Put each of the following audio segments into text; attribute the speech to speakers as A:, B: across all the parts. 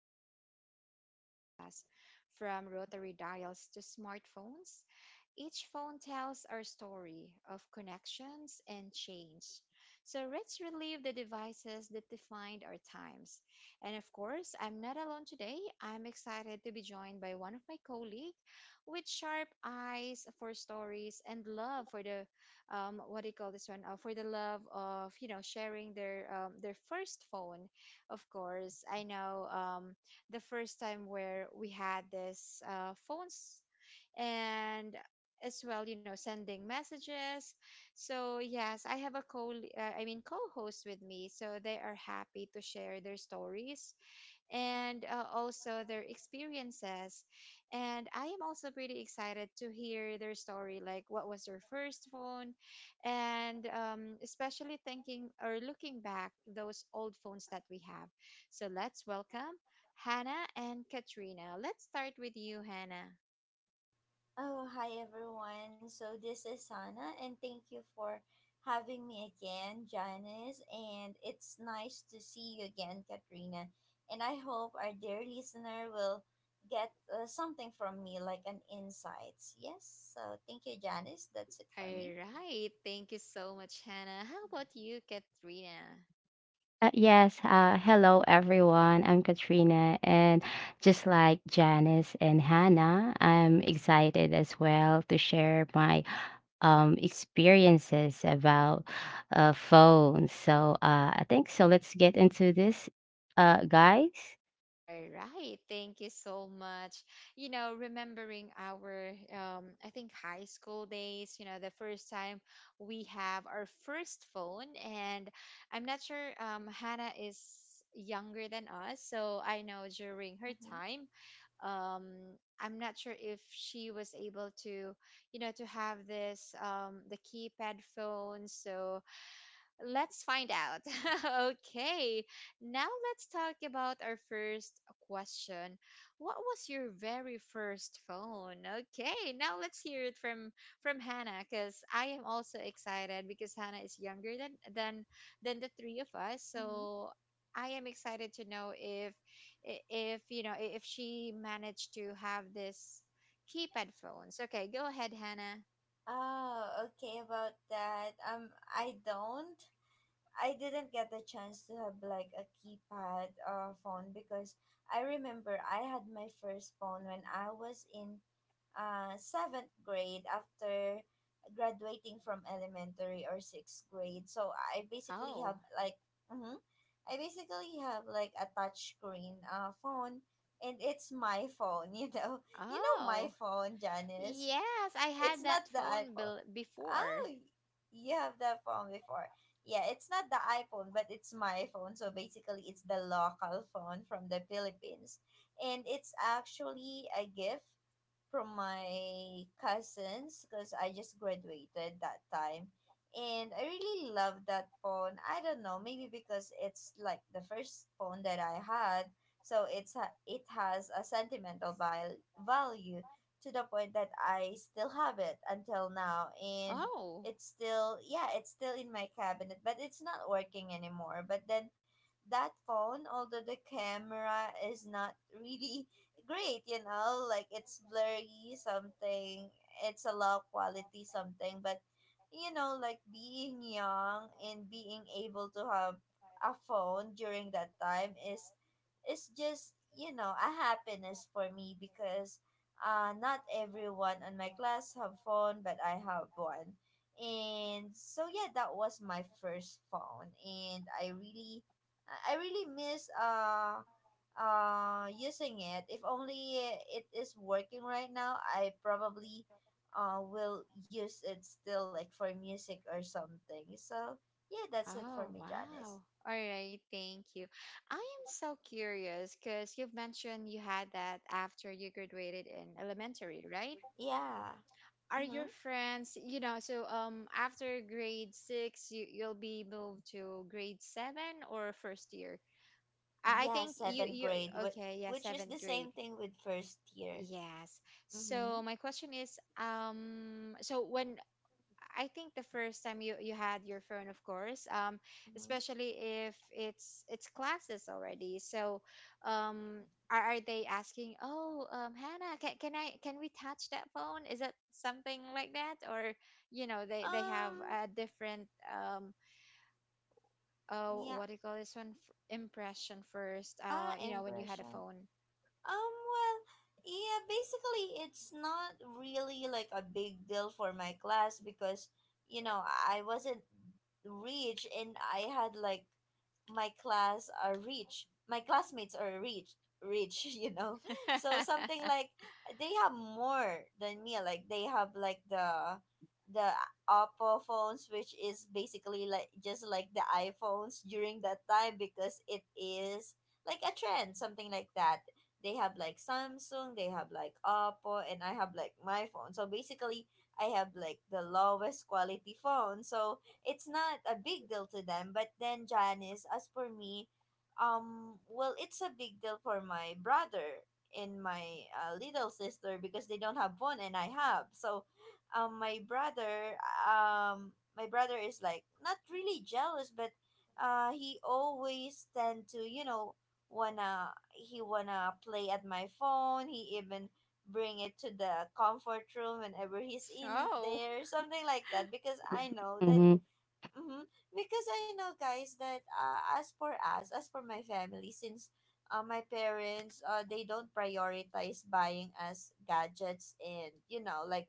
A: the phones that shaped us from rotary dials to smartphones, each phone tells our story of connections and change. So let's relive the devices that defined our times. And of course, I'm not alone today. I'm excited to be joined by one of my colleagues with sharp eyes for stories and love for the what do you call this one? For the love of sharing their first phone. Of course, I know the first time where we had this phones and as well, sending messages. So, yes, I have a co I mean co-host with me, so they are happy to share their stories and also their experiences. And I am also pretty excited to hear their story, like what was their first phone, and especially thinking or looking back those old phones that we have. So let's welcome Hannah and Katrina. Let's start with you, Hannah.
B: Oh, hi everyone. So this is Sana, and thank you for having me again, Janice. And it's nice to see you again, Katrina. And I hope our dear listener will get something from me, like an insights. Yes. So thank you, Janice. That's it
A: All
B: for me.
A: right. Thank you so much, Hannah. How about you, Katrina?
C: Yes, hello everyone. I'm Katrina, and just like Janice and Hannah, I'm excited as well to share my experiences about phones. So, I think so. Let's get into this, guys.
A: All right. Thank you so much. You know, remembering our, I think, high school days, you know, the first time we have our first phone. And I'm not sure Hannah is younger than us. So I know during her
B: Mm-hmm.
A: time, um, I'm not sure if she was able to, you know, to have this, the keypad phone. So, let's find out. Okay, now let's talk about our first question. What was your very first phone? Okay, now let's hear it from Hannah because I am also excited because Hannah is younger than the three of us.
B: Mm-hmm.
A: So I am excited to know if if she managed to have this keypad phones. Okay, go ahead, Hannah.
B: Oh, okay. About that, I don't. I didn't get the chance to have like a keypad phone because I remember I had my first phone when I was in seventh grade after graduating from elementary or sixth grade. So I basically have
A: Oh,
B: like, mm-hmm, I basically have like a touch screen phone and it's my phone. You know my
A: oh.
B: phone, Janice.
A: Yes, I
B: It's
A: had
B: not
A: that
B: the
A: phone
B: iPhone.
A: bill
B: Oh,
A: before.
B: you have that phone before. Yeah, it's not the iPhone, but it's my phone. So basically, it's the local phone from the Philippines. And it's actually a gift from my cousins because I just graduated that time. And I really love that phone. I don't know, maybe because it's like the first phone that I had. So it has a sentimental value to the point that I still have it until now, and
A: Oh,
B: it's still in my cabinet, but it's not working anymore. But then that phone, although the camera is not really great, like it's blurry something, it's a low quality something, but like being young and being able to have a phone during that time is just a happiness for me because not everyone in my class have phone, but I have one. And so yeah, that was my first phone, and I really miss using it. If only it is working right now, I probably will use it still, like for music or something. So yeah, that's it for
A: oh,
B: me, Janice.
A: wow. All right, thank you. I am so curious because you've mentioned you had that after you graduated in elementary, right?
B: Yeah.
A: Are
B: Mm-hmm.
A: your friends, you know, so after grade six, you'll be moved to grade seven or first year? I
B: Yeah,
A: think you
B: seventh
A: you
B: grade,
A: Okay, yeah,
B: which is
A: seventh
B: the
A: grade.
B: same thing with first year.
A: Yes.
B: Mm-hmm.
A: So my question is, so when I think the first time you had your phone, of course,
B: Mhm.
A: especially if it's classes already. So, um, are they asking? Oh, Hannah, can I can we touch that phone? Is that something like that, or you know they have
B: Um,
A: a different um oh
B: yeah,
A: what do you call this one? Impression first? You know when you had a
B: impression.
A: phone.
B: Well, yeah, basically, it's not really like a big deal for my class because, I wasn't rich and I had like my class are rich. My classmates are rich, rich, you know? So something like they have more than me. Like they have like the Oppo phones, which is basically like just like the iPhones during that time because it is like a trend, something like that. They have like Samsung, they have like Oppo, and I have like my phone. So basically, I have like the lowest quality phone. So it's not a big deal to them. But then Janice, as for me, well, it's a big deal for my brother and my little sister because they don't have phone and I have. So, um, my brother, um, my brother is like not really jealous, but he always tend to you know wanna he wanna play at my phone. He even bring it to the comfort room whenever he's in
A: Oh,
B: there, something like that, because I know that.
C: Hmm.
B: Mm-hmm. Because I know, guys, that as for us, as for my family, since my parents, they don't prioritize buying us gadgets and, like,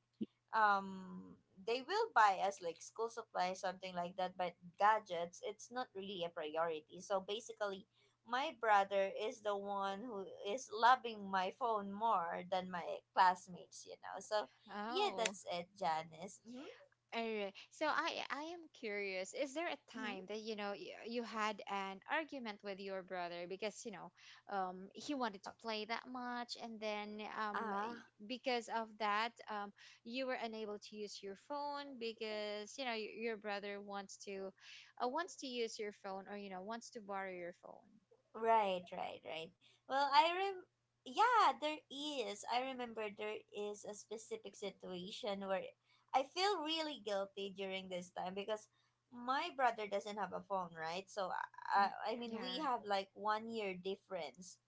B: um, they will buy us like school supplies, something like that, but gadgets, it's not really a priority. So basically, my brother is the one who is loving my phone more than my classmates. So, yeah,
A: oh.
B: that's it, Janice. Mm-hmm.
A: Alright. So I am curious. Is there a
B: Mm-hmm.
A: time that you know you, you had an argument with your brother because you know he wanted to play that much and then
B: Uh
A: because of that you were unable to use your phone because you know your brother wants to wants to use your phone or you know wants to borrow your phone.
B: Right, right, right. Well, I rem yeah, there is. I remember there is a specific situation where I feel really guilty during this time because my brother doesn't have a phone, right? So I,
A: Mm,
B: I I mean, we
A: yeah.
B: have like one year difference,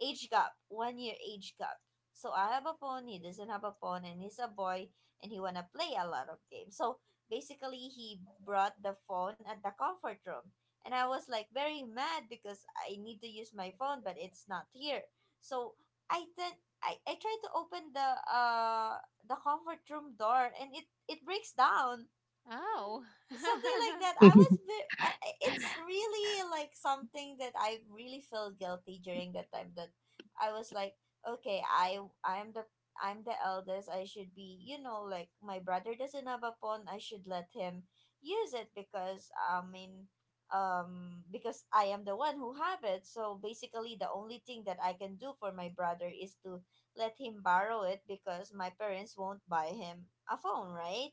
B: age gap, one year age gap. So I have a phone, he doesn't have a phone, and he's a boy, and he wanna play a lot of games. So basically, he brought the phone at the comfort room. And I was like very mad because I need to use my phone, but it's not here. So I then I, I tried to open the comfort room door, and it breaks down
A: Oh.
B: something like that. I was ve- I- it's really like something that I really feel guilty during that time. That I was like, okay, I'm the eldest. I should be, like my brother doesn't have a phone. I should let him use it because I mean because I am the one who have it. So basically the only thing that I can do for my brother is to let him borrow it because my parents won't buy him a phone, right?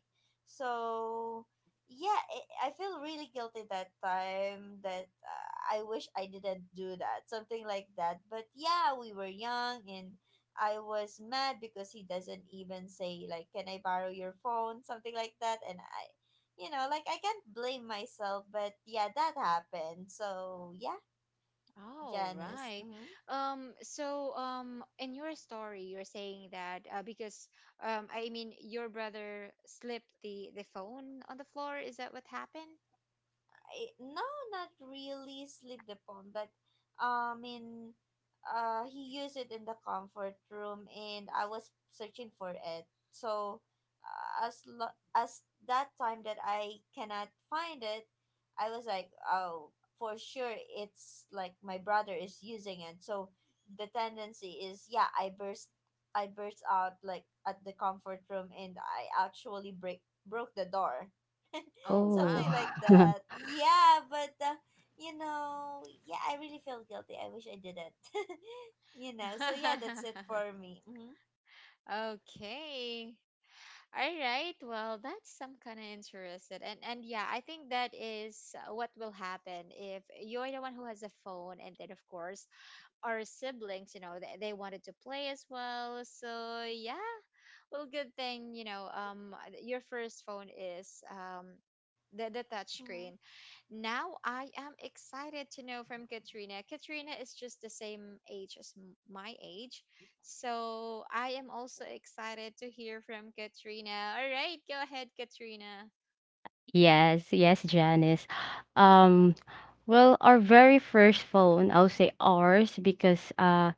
B: So yeah, I feel really guilty that time that I wish I didn't do that, something like that. But yeah, we were young, and I was mad because he doesn't even say like, "Can I borrow your phone?" something like that, and like I can't blame myself, but yeah, that happened. So yeah,
A: All
B: Janice.
A: right.
B: Mm-hmm.
A: In your story, you're saying that I mean, your brother slipped the phone on the floor. Is that what happened?
B: No, not really sleep the phone, but I mean, he used it in the comfort room, and I was searching for it. So, as that time that I cannot find it, I was like, oh, for sure, it's like my brother is using it. So, the tendency is, yeah, I burst out like at the comfort room, and I actually break broke the door,
A: Oh, mm,
C: Oh,
B: something
A: wow.
B: like that. Yeah, but yeah, I really feel guilty. I wish I didn't. So yeah, that's it for me. Mm-hmm.
A: Okay. All right. Well, that's some kind of interested. And yeah, I think that is what will happen if you're the one who has a phone, and then of course, our siblings, you know, they wanted to play as well. So yeah, well, good thing, you know, your first phone is the touch
B: Mm-hmm.
A: screen. Now I am excited to know from Katrina. Katrina is just the same age as my age, so I am also excited to hear from Katrina. All right, go ahead, Katrina.
C: yes, yes, Janice. Um, well, our very first phone, I'll say ours, because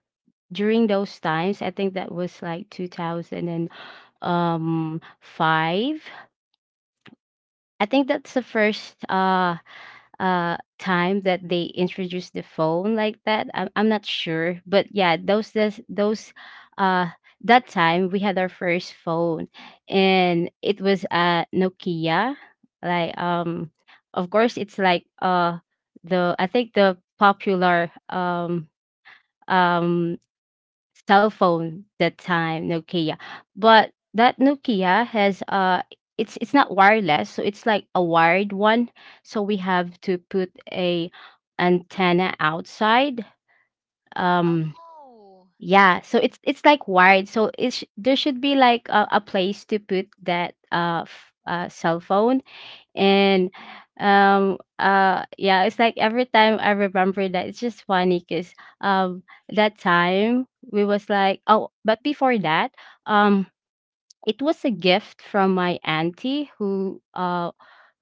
C: during those times, I think that was like 2000. 5. I think that's the first time that they introduced the phone like that. I'm not sure, but yeah, those uh that time we had our first phone, and it was a Nokia, like, of course, it's like the, I think, the popular um cell phone that time, Nokia. But that Nokia has, it's not wireless, so it's like a wired one. So we have to put a antenna outside. um
A: Oh,
C: yeah, so it's like wired, so it's, there should be like a place to put that cell phone. and, yeah, it's like every time I remember that, it's just funny because, um, that time we was like, oh, but before that, um, it was a gift from my auntie who, uh,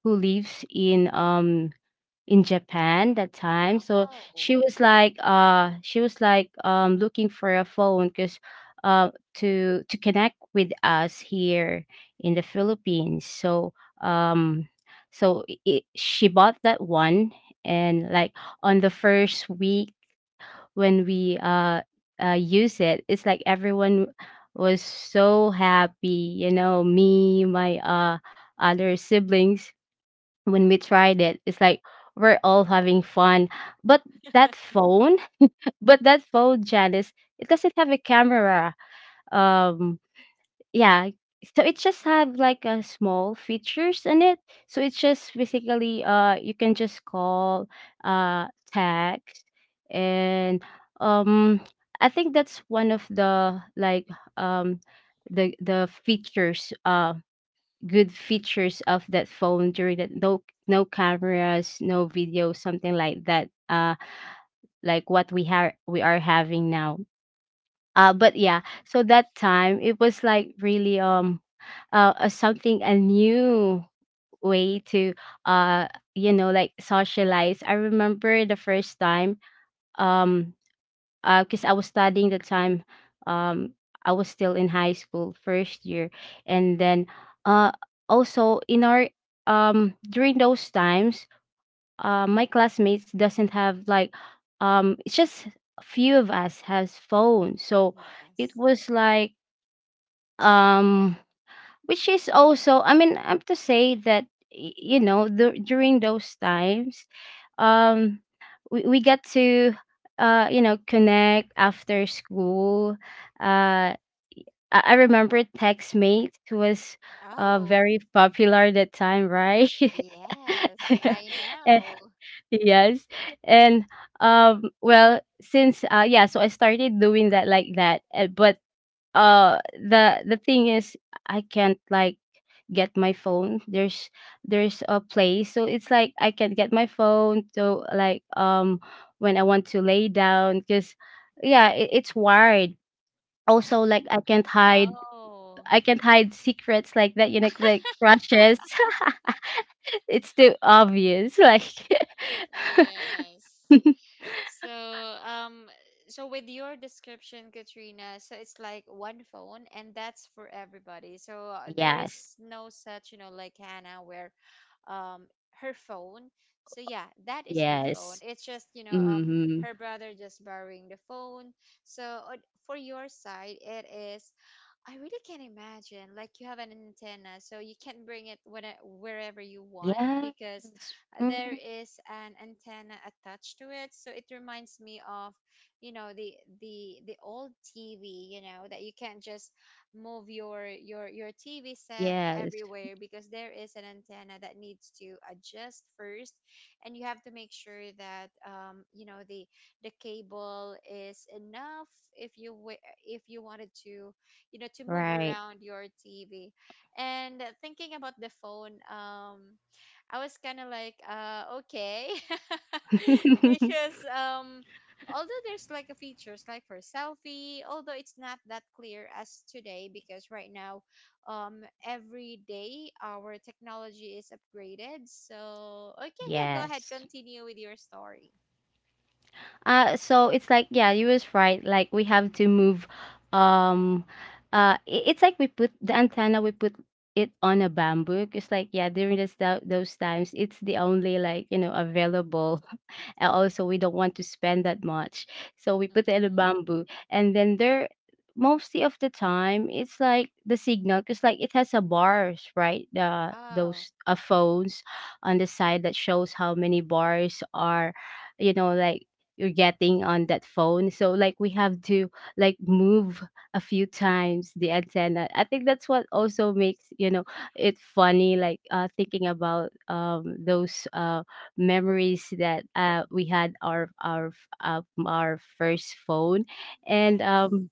C: who lives in Japan that time. So
A: oh,
C: she was like, looking for a phone because, uh to connect with us here in the Philippines. So, um she bought that one. And, like, on the first week when we use it, it's like everyone was so happy, you know, me, my other siblings. When we tried it, it's like we're all having fun, but that phone... But that phone, Janice, it doesn't have a camera. um yeah, so it just have like a small features in it. So it's just basically, you can just call, uh text, and, um I think that's one of the, like, um the features, good features of that phone during that. No, no cameras, no video, something like that, like what we have, we are having now. But yeah, so that time, it was like really, something, a new way to, uh you know, like socialize. I remember the first time, um cause I was studying the time, um, I was still in high school, first year. And then, uh, also in our, during those times, my classmates doesn't have like, it's just a few of us has phones. So it
A: yes.
C: was like, um which is also, I mean, I have to say that, you know, the, during those times, um we get to, you know, connect after school. uh I remember textmate, who was
A: Oh,
C: very popular at that time, right?
A: yes, I
C: Eh,
A: know.
C: yes. And, well, since, yeah, so I started doing that, like that. Eh, but the thing is, I can't like get my phone. There's a place, so it's like I can get my phone, so, like, when I want to lay down, because yeah, it's wired. Also, like, i can't hide
A: Oh.
C: i can't hide secrets like that, you know, like crushes. It's too obvious, like...
A: Yes. So, um, so, with your description, Katrina, so it's like one phone and that's for everybody. So there
C: Yes,
A: is no such, you know, like Hannah where um her phone. So yeah, that is her phone.
C: yes.
A: It's just, you know,
C: Mhm.
A: her brother just borrowing the phone. So for your side, it is I really can't imagine. Like you have an antenna, so you can bring it wherever you want
C: Yes.
A: because there
C: Mm,
A: is an antenna attached to it. So it reminds me of, you know, the old TV. You know that you can't just move your TV set
C: yes.
A: everywhere because there is an antenna that needs to adjust first, and you have to make sure that you know the cable is enough if you wanted to you know to move
C: Right.
A: around your TV. And thinking about the phone, I was kind of like, okay, because although there's like a features like for selfie, although it's not that clear as today because right now, every day our technology is upgraded. So okay, yeah, go ahead,
C: Yes.
A: continue with your story.
C: So it's like yeah, you was right. Like, we have to move. Um, it's like we put the antenna. We put it on a bamboo. It's like yeah, during those times, it's the only, like, you know, available. And also, we don't want to spend that much, so we put it in a
A: Mhm.
C: bamboo. And then there, mostly of the time, it's like the signal, because like it has a bars, right? The
A: Oh
C: Those phones on the side that shows how many bars are, you know, like, you're getting on that phone. So, like, we have to, like, move a few times the antenna. I think that's what also makes, you know, it funny, like, thinking about those memories that we had uh, our first phone. And,
A: yes.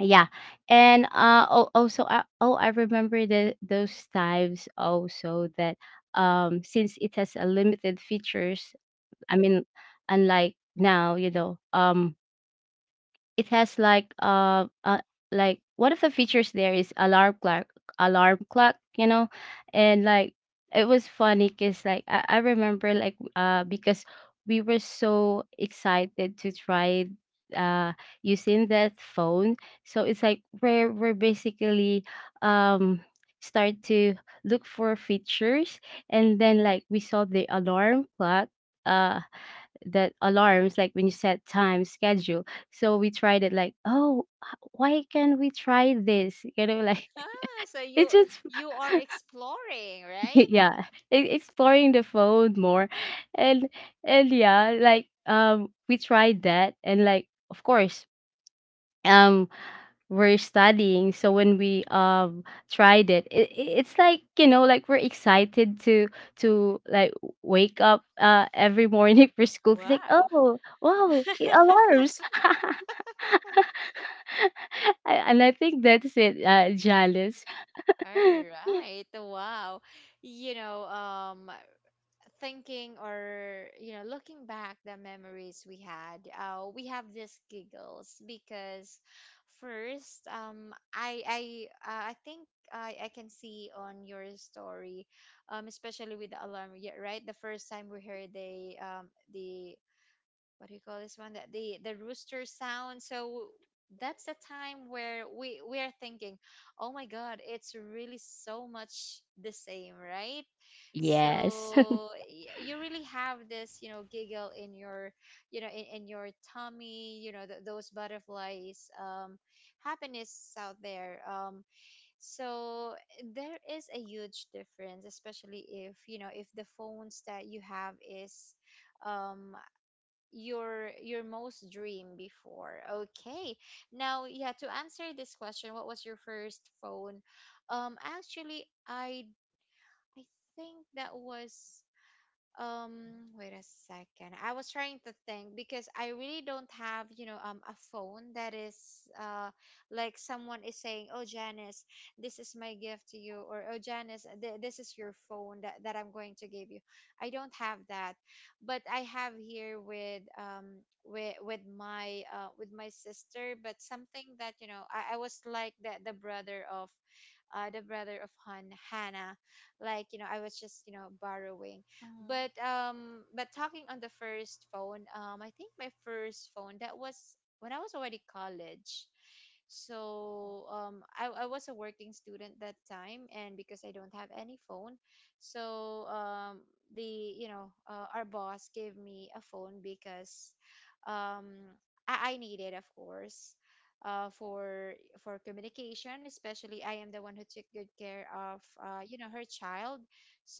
C: yeah. And also, oh, I remember the those times also that, since it has a limited features. I mean, unlike now, you know, it has like, like, one of the features there is alarm clock, you know. And like, it was funny because, like, I remember, like, because we were so excited to try uh using that phone. So it's like, where we're basically, um start to look for features, and then, like, we saw the alarm clock, uh that alarms like when you set time schedule. So we tried it like, oh, why can't we try this, you know, like...
A: Ah, so
C: It's just...
A: you are exploring, right?
C: Yeah, exploring the phone more. And and Yeah, like, we tried that. And, like, of course, um we're studying, so when we tried it, it's like, you know, like, we're excited to, like, wake up, every morning, for school. It's like,
A: Wow.
C: oh wow, it alarms. And I think that's it, jealous.
A: All right. Wow. You know, thinking or, you know, looking back the memories we had, we have these giggles because first, I think I can see on your story, especially with the alarm, yeah, right? The first time we heard the what do you call this one that the rooster sound? So that's the time where we are thinking, oh my god, it's really so much the same, right?
C: Yes.
A: So you really have this, you know, giggle in your, you know, in your tummy, you know, those butterflies, happiness out there. So there is a huge difference especially if you know if the phones that you have is um your most dream before. Okay, now yeah, to answer this question, what was your first phone? Actually I think that was, wait a second. I was trying to think because I really don't have, you know, a phone that is, uh, like someone is saying, "Oh, Janice, this is my gift to you," or "Oh, Janice, this is your phone that, that I'm going to give you." I don't have that, but I have here with, with my sister. But something that you know, I was like the brother of Han, Hannah. Like you know, I was just you know borrowing.
B: Mm-hmm.
A: But talking on the first phone, I think my first phone, that was when I was already college. So I was a working student that time, and because I don't have any phone, so the you know our boss gave me a phone because um, I needed, of course, uh, for for communication, especially I am the one who took good care of you know, her child.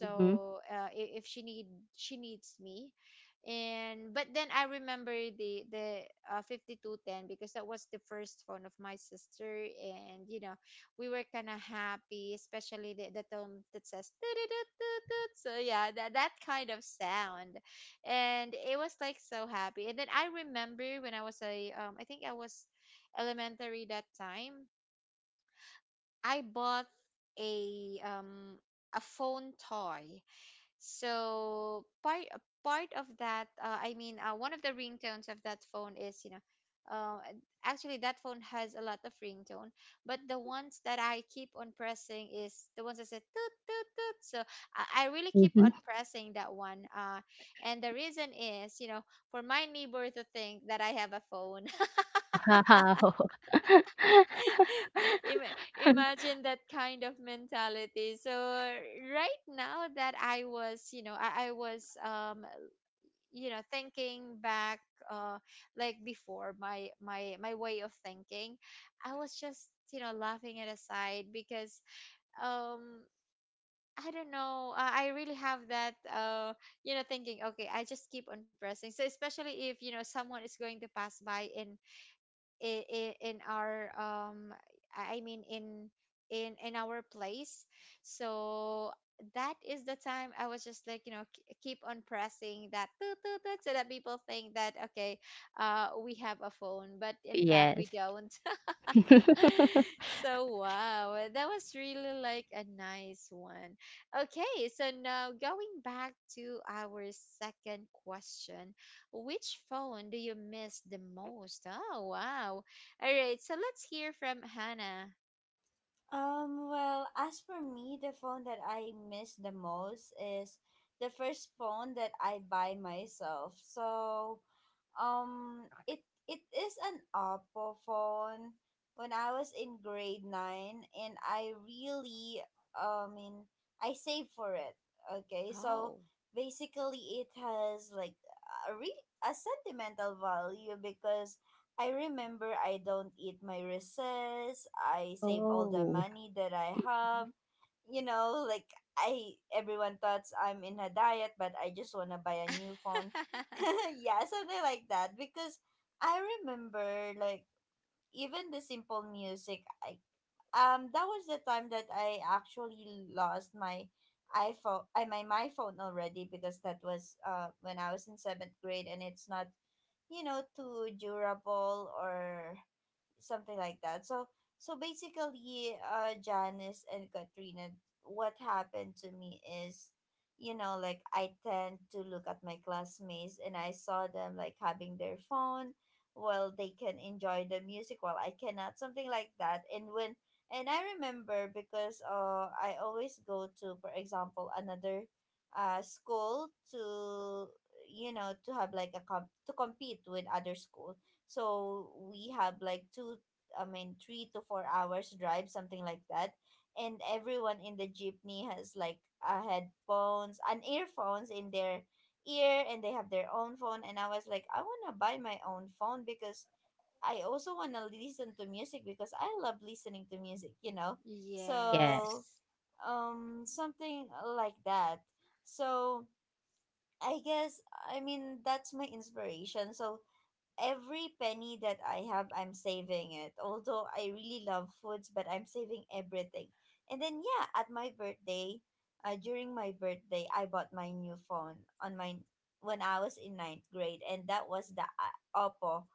C: Mhm.
A: if she need she needs me. And but then I remember the 5210 because that was the first phone of my sister, and you know we were kind of happy, especially the tone that says "Tut-tut-tut-tut." So yeah, that, that kind of sound. And it was like so happy. And then I remember when I was a, I think I was elementary that time, I bought a um a phone toy. So part of that, one of the ringtones of that phone is you know, uh, actually that phone has a lot of ringtone, but the ones that I keep on pressing is the ones that say toot toot toot. So I really keep on
C: Mhm.
A: pressing that one. And the reason is you know for my neighbor to think that I have a phone.
C: Wow.
A: Imagine that kind of mentality. So right now that I was you know I was you know thinking back, uh like before my way of thinking, I was just you know laughing it aside, because um I don't know. I really have that, you know, thinking. Okay, I just keep on pressing. So especially if you know someone is going to pass by and in our I mean in our place. So that is the time I was just like you know keep on pressing that toot, toot, toot, so that people think that okay, we have a phone but in fact we
C: Yes.
A: don't. So wow, that was really like a nice one. Okay, so now going back to our second question, which phone do you miss the most? Oh wow. All right, so let's hear from Hannah.
B: Well, as for me, the phone that I miss the most is the first phone that I buy myself. So, um, it it is an Oppo phone when I was in grade 9, and I mean I saved for it. Okay? So,
A: Oh.
B: basically it has like a sentimental value because I remember I don't eat my recess. I save all the
C: Oh.
B: money that I have. You know, like I everyone thought I'm in a diet, but I just wanna buy a new phone. Yeah, something like that. Because I remember like even the simple music. I That was the time that I actually lost my iPhone. I my my phone already, because that was when I was in seventh grade, and it's not too durable or something like that. So basically, Janice and Katrina, what happened to me is, like I tend to look at my classmates and I saw them like having their phone while they can enjoy the music while I cannot, something like that. And I remember because I always go to, for example, another school to to have like a comp to compete with other schools, so we have like two, I mean, 3 to 4 hours drive, something like that, and everyone in the jeepney has like headphones and earphones in their ear, and they have their own phone, and I was like, I want to buy my own phone because I also want to listen to music because I love listening to music,
C: Yes.
B: so
A: Yes.
B: something like that. So I guess, I mean, that's my inspiration. So every penny that I have, I'm saving it. Although I really love foods, but I'm saving everything. And then yeah, at my birthday, during my birthday, I bought my new phone, on my when I was in ninth grade, and that was the Oppo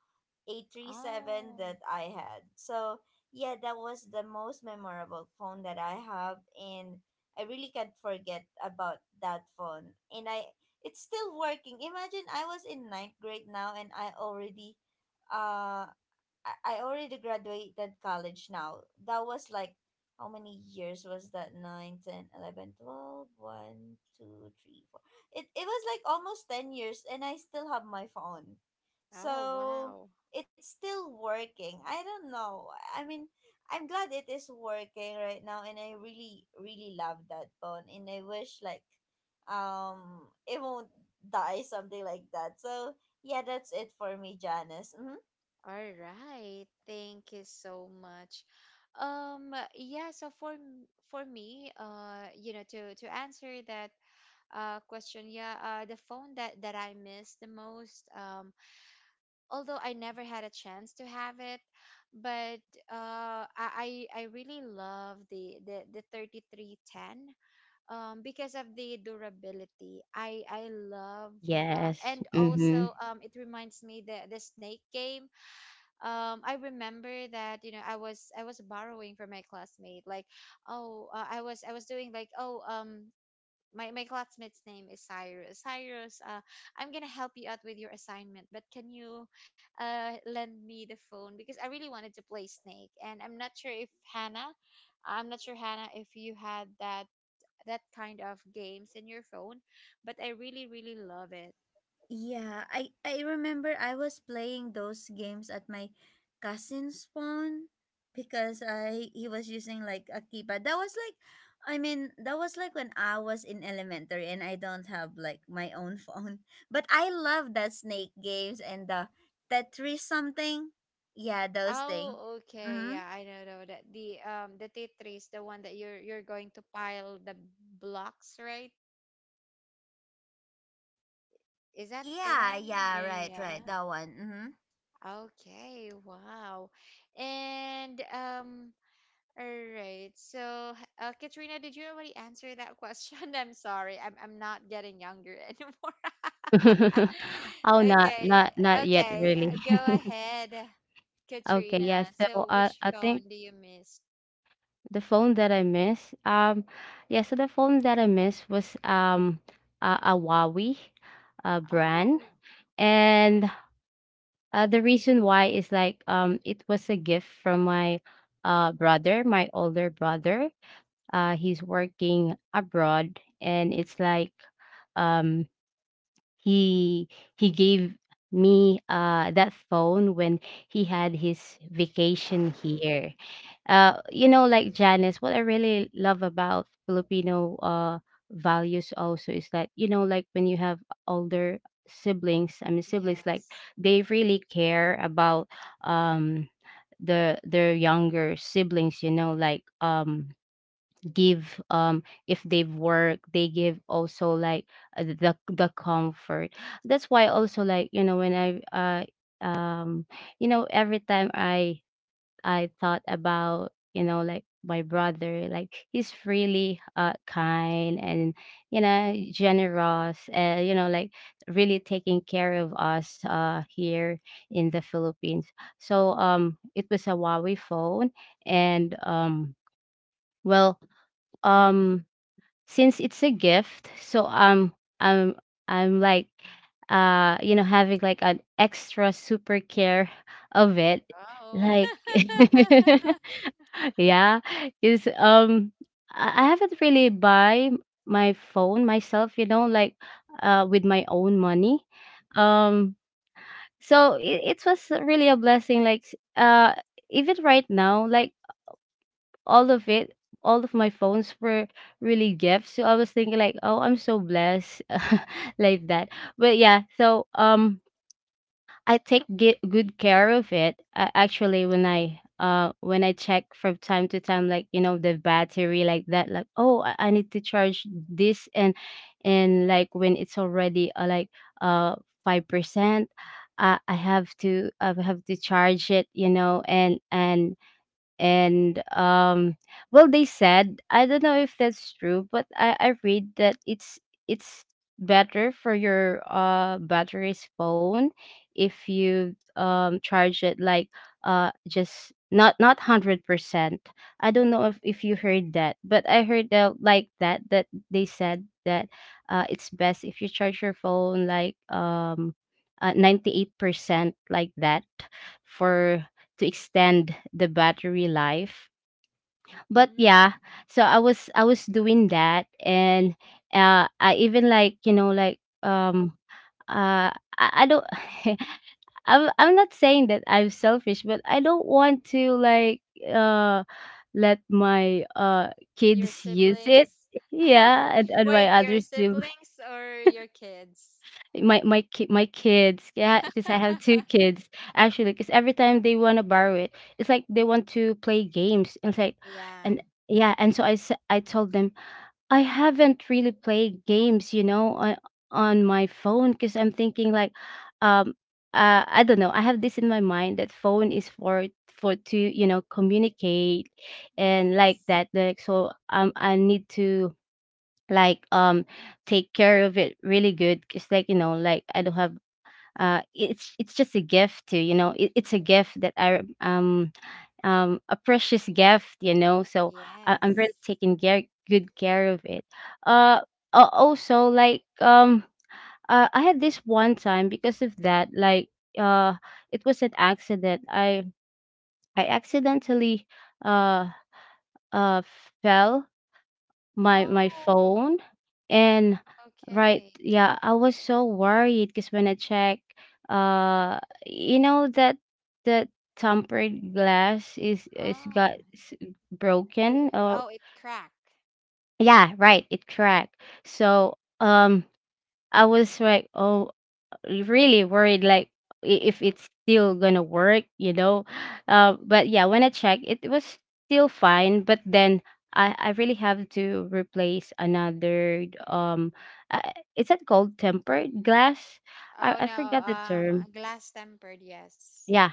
B: 837
A: Oh.
B: that I had. So, yeah, that was the most memorable phone that I have, and I really can't forget about that phone. And I it's still working. Imagine I was in ninth grade now, and uh I already graduated college now. That was like, how many years was that? Nine, 10, 11, 12, one, two, three, four. It was like almost 10 years, and I still have my phone.
A: Oh
B: So
A: wow.
B: it's still working. I don't know. I mean, I'm glad it is working right now, and I really, really love that phone, and I wish like it won't die, something like that. So yeah, that's it for me, Janice. Mm-hmm.
A: All right. Thank you so much. Yeah, so for me, you know, to answer that question, yeah, the phone that I miss the most, although I never had a chance to have it, but I really love the 3310 because of the durability. I love
C: Yes.
A: and
C: Mhm.
A: also, it reminds me the snake game. I remember that, you know, I was borrowing from my classmate, like, oh, I was doing like oh my classmate's name is Cyrus. I'm gonna help you out with your assignment, but can you, lend me the phone, because I really wanted to play Snake. And I'm not sure if hannah I'm not sure, Hannah, if you had that kind of games in your phone. But I really, really love it.
B: Yeah, I remember I was playing those games at my cousin's phone because I he was using like a keypad. That was like I mean, that was like when I was in elementary and I don't have like my own phone. But I love that snake games and the Tetris something. Yeah, those thing.
A: Oh, okay. Yeah,
B: Mhm.
A: I know that the, the Tetris, the one that you're going to pile the blocks, right? Is that the
B: Yeah,
A: one?
B: yeah,
A: Eh,
B: right, right.
A: yeah.
B: That one. Mhm.
A: Okay. Wow. And, all right. So, Katrina, did you already answer that question? I'm sorry. I'm not getting younger anymore.
C: Oh, not
A: Okay.
C: not not yet
A: Okay.
C: really.
A: Go ahead,
C: Okay,
A: Katrina.
C: yeah. So,
A: So, which
C: I think
A: phone do you miss?
C: the phone that I miss, yeah, so the phone that I miss was, a Huawei brand.
A: Oh.
C: And, the reason why is, like, it was a gift from my brother, my older brother. He's working abroad, and it's like, um, he he gave me, that phone when he had his vacation here. You know, like, Janice, what I really love about Filipino values also is that, you know, like when you have older siblings, I mean, siblings, like,
A: Yes.
C: they really care about um their younger siblings. You know, like, give, if they've worked, they give also, like, the comfort. That's why also, like, you know, when I uh um you know, every time I thought about, you know, like my brother, like he's really kind and, you know, generous, you know, like really taking care of us here in the Philippines. So, it was a Huawei phone. And, well um since it's a gift, so, I'm I'm like, you know, having like an extra super care of it.
A: Wow.
C: Like... Yeah, is, I haven't really buy my phone myself, you know, like, with my own money. Um so, it was really a blessing, like, even right now, like, all of it, all of my phones were really gifts. So I was thinking, like, oh, I'm so blessed, like that. But yeah, so, I take good care of it. Actually, when I check from time to time, like, you know, the battery, like that, like, oh, I need to charge this. And Like, when it's already, like, uh 5%, I have to, I have to charge it, you know. And Well, they said, I don't know if that's true, but I read that it's better for your battery's phone if you charge it, like, just not 100%. I don't know if you heard that, but I heard that, they said that, it's best if you charge your phone, like, 98%, like that, for to extend the battery life. But yeah,
A: Mm,
C: so I was doing that. And, I even, like, you know, like, uh I don't... I'm not saying that I'm selfish, but I don't want to, like, uh let my
A: your
C: kids use it.
A: siblings.
C: Yeah, and, and my
A: Wait, your
C: others do.
A: siblings or your kids?
C: My kids, yeah, because I have 2 kids, actually, because every time they wanna borrow it, it's like they want to play games, and it's like,
A: Yeah.
C: and yeah, and so I told them, "I haven't really played games, you know, on my phone because 'cause I'm thinking like, um, I don't know, I have this in my mind that phone is for to, you know, communicate and like
A: Yes.
C: that, like, so, I need to like take care of it really good. It's like, you know, like I don't have it's just a gift to, you know, it, it's a gift that I a precious gift, you know, so I, I'm really
A: Yes.
C: taking care good care of it. uh also like I had this one time because of that, like uh it was an accident. I accidentally uh uh fell my
A: Oh,
C: phone. And right,
A: okay.
C: yeah, I was so worried because when I check, uh you know, that that tempered glass is, got
A: Oh,
C: broken or,
A: oh, it cracked.
C: yeah, right, it cracked. So, um I was like, oh, really worried, like I- if it's still gonna work, you know. But yeah, when I checked it was still fine, but then I, really have to replace another, uh, is that called tempered glass? I,
A: Oh no,
C: forgot the term.
A: glass tempered, yes.
C: Yeah.